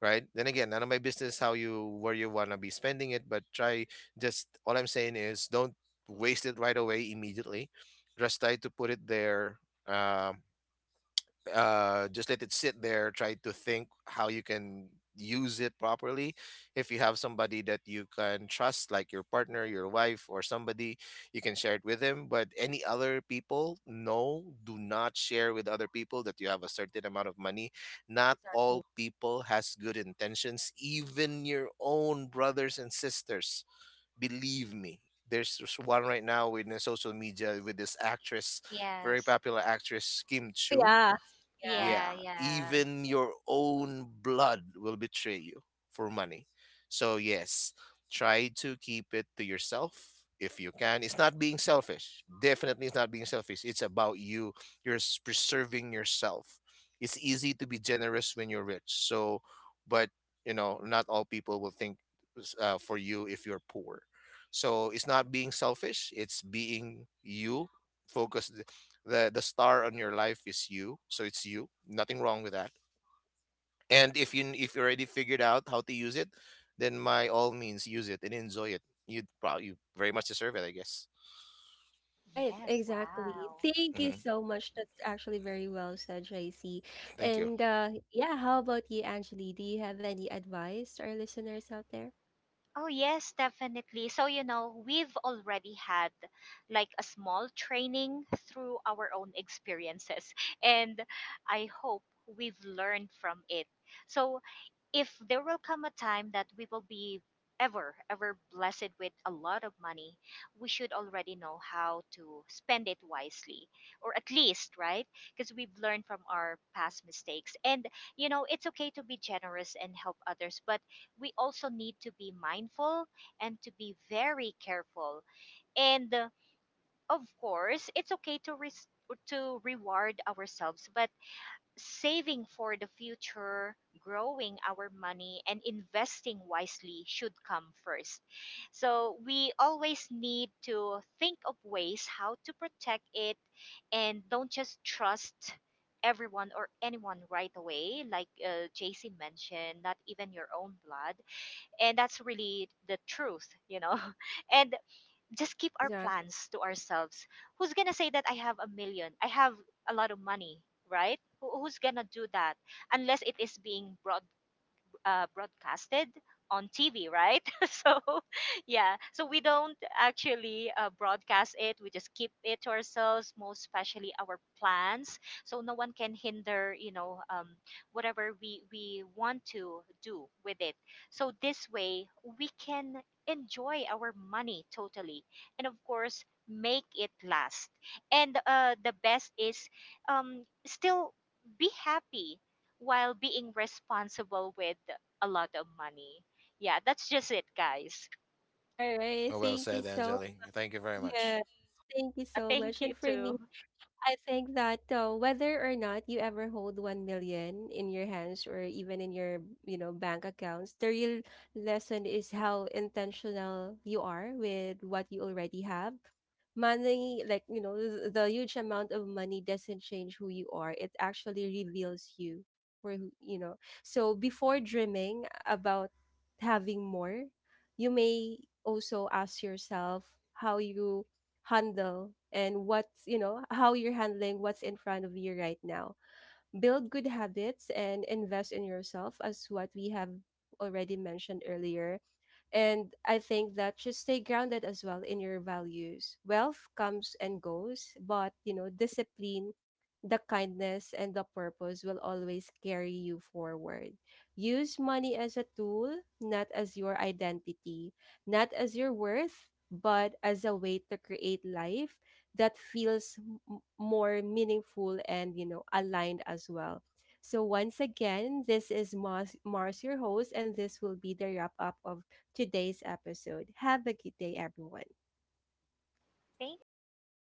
right? Then again, none of my business how you, where you wanna be spending it, but try, just all I'm saying is, don't waste it right away immediately. Just try to put it there. Um, just let it sit there. Try to think how you can use it properly. If you have somebody that you can trust, like your partner, your wife, or somebody, you can share it with them. But any other people, no, do not share with other people that you have a certain amount of money. Not Exactly. all people has good intentions. Even your own brothers and sisters, believe me. There's just one right now with the social media with this actress, Yes. very popular actress Kim Oh Chu. yeah. Yeah. Yeah, Yeah, yeah. even your own blood will betray you for money. So, yes, try to keep it to yourself if you can. It's not being selfish. Definitely, it's not being selfish. It's about you. You're preserving yourself. It's easy to be generous when you're rich. So, but, you know, not all people will think, for you if you're poor. So, it's not being selfish, it's being you focused. The star on your life is you. So it's you, nothing wrong with that. And if you already figured out how to use it, then by all means use it and enjoy it. You very much deserve it, I guess. Right, Yes, exactly. wow. Thank you Hmm. so much. That's actually very well said, Tracy. Thank you. And yeah, how about you, Angeli? Do you have any advice to our listeners out there? Oh, yes, definitely. So, you know, we've already had like a small training through our own experiences, and I hope we've learned from it. So, if there will come a time that we will be ever ever blessed with a lot of money, we should already know how to spend it wisely, or at least right, because we've learned from our past mistakes. And you know, it's okay to be generous and help others, but we also need to be mindful and to be very careful. And of course it's okay to to reward ourselves, but saving for the future, growing our money, and investing wisely should come first. So we always need to think of ways how to protect it, and don't just trust everyone or anyone right away, like JC mentioned, not even your own blood. And that's really the truth, you know. And just keep our Exactly. plans to ourselves. Who's gonna say that I have a million? I have a lot of money, right? Who- Who's gonna do that, unless it is being brought broadcasted on TV, right? So, yeah. So we don't actually broadcast it. We just keep it to ourselves, most especially our plans. So no one can hinder, you know, whatever we want to do with it. So this way, we can enjoy our money totally, and of course, make it last. And the best is still be happy while being responsible with a lot of money. Yeah, that's just it, guys. All right. Oh, well Thank you said, so, Angeli. Thank you very much. yeah. Thank you Yeah, so thank much. you And for too. me, I think that whether or not you ever hold 1 million in your hands, or even in your, you know, bank accounts, the real lesson is how intentional you are with what you already have. Money, like, you know, the huge amount of money doesn't change who you are, it actually reveals you, you know. So before dreaming about having more, you may also ask yourself how you handle, and what's, you know, how you're handling what's in front of you right now. Build good habits and invest in yourself, as what we have already mentioned earlier, and I think that should stay grounded as well in your values. Wealth comes and goes, but you know, discipline, the kindness, and the purpose will always carry you forward. Use money as a tool, not as your identity, not as your worth, but as a way to create life that feels more meaningful and you know aligned as well. So once again, this is Mars, Mars your host, and this will be the wrap up of today's episode. Have a good day, everyone. Thank you. Have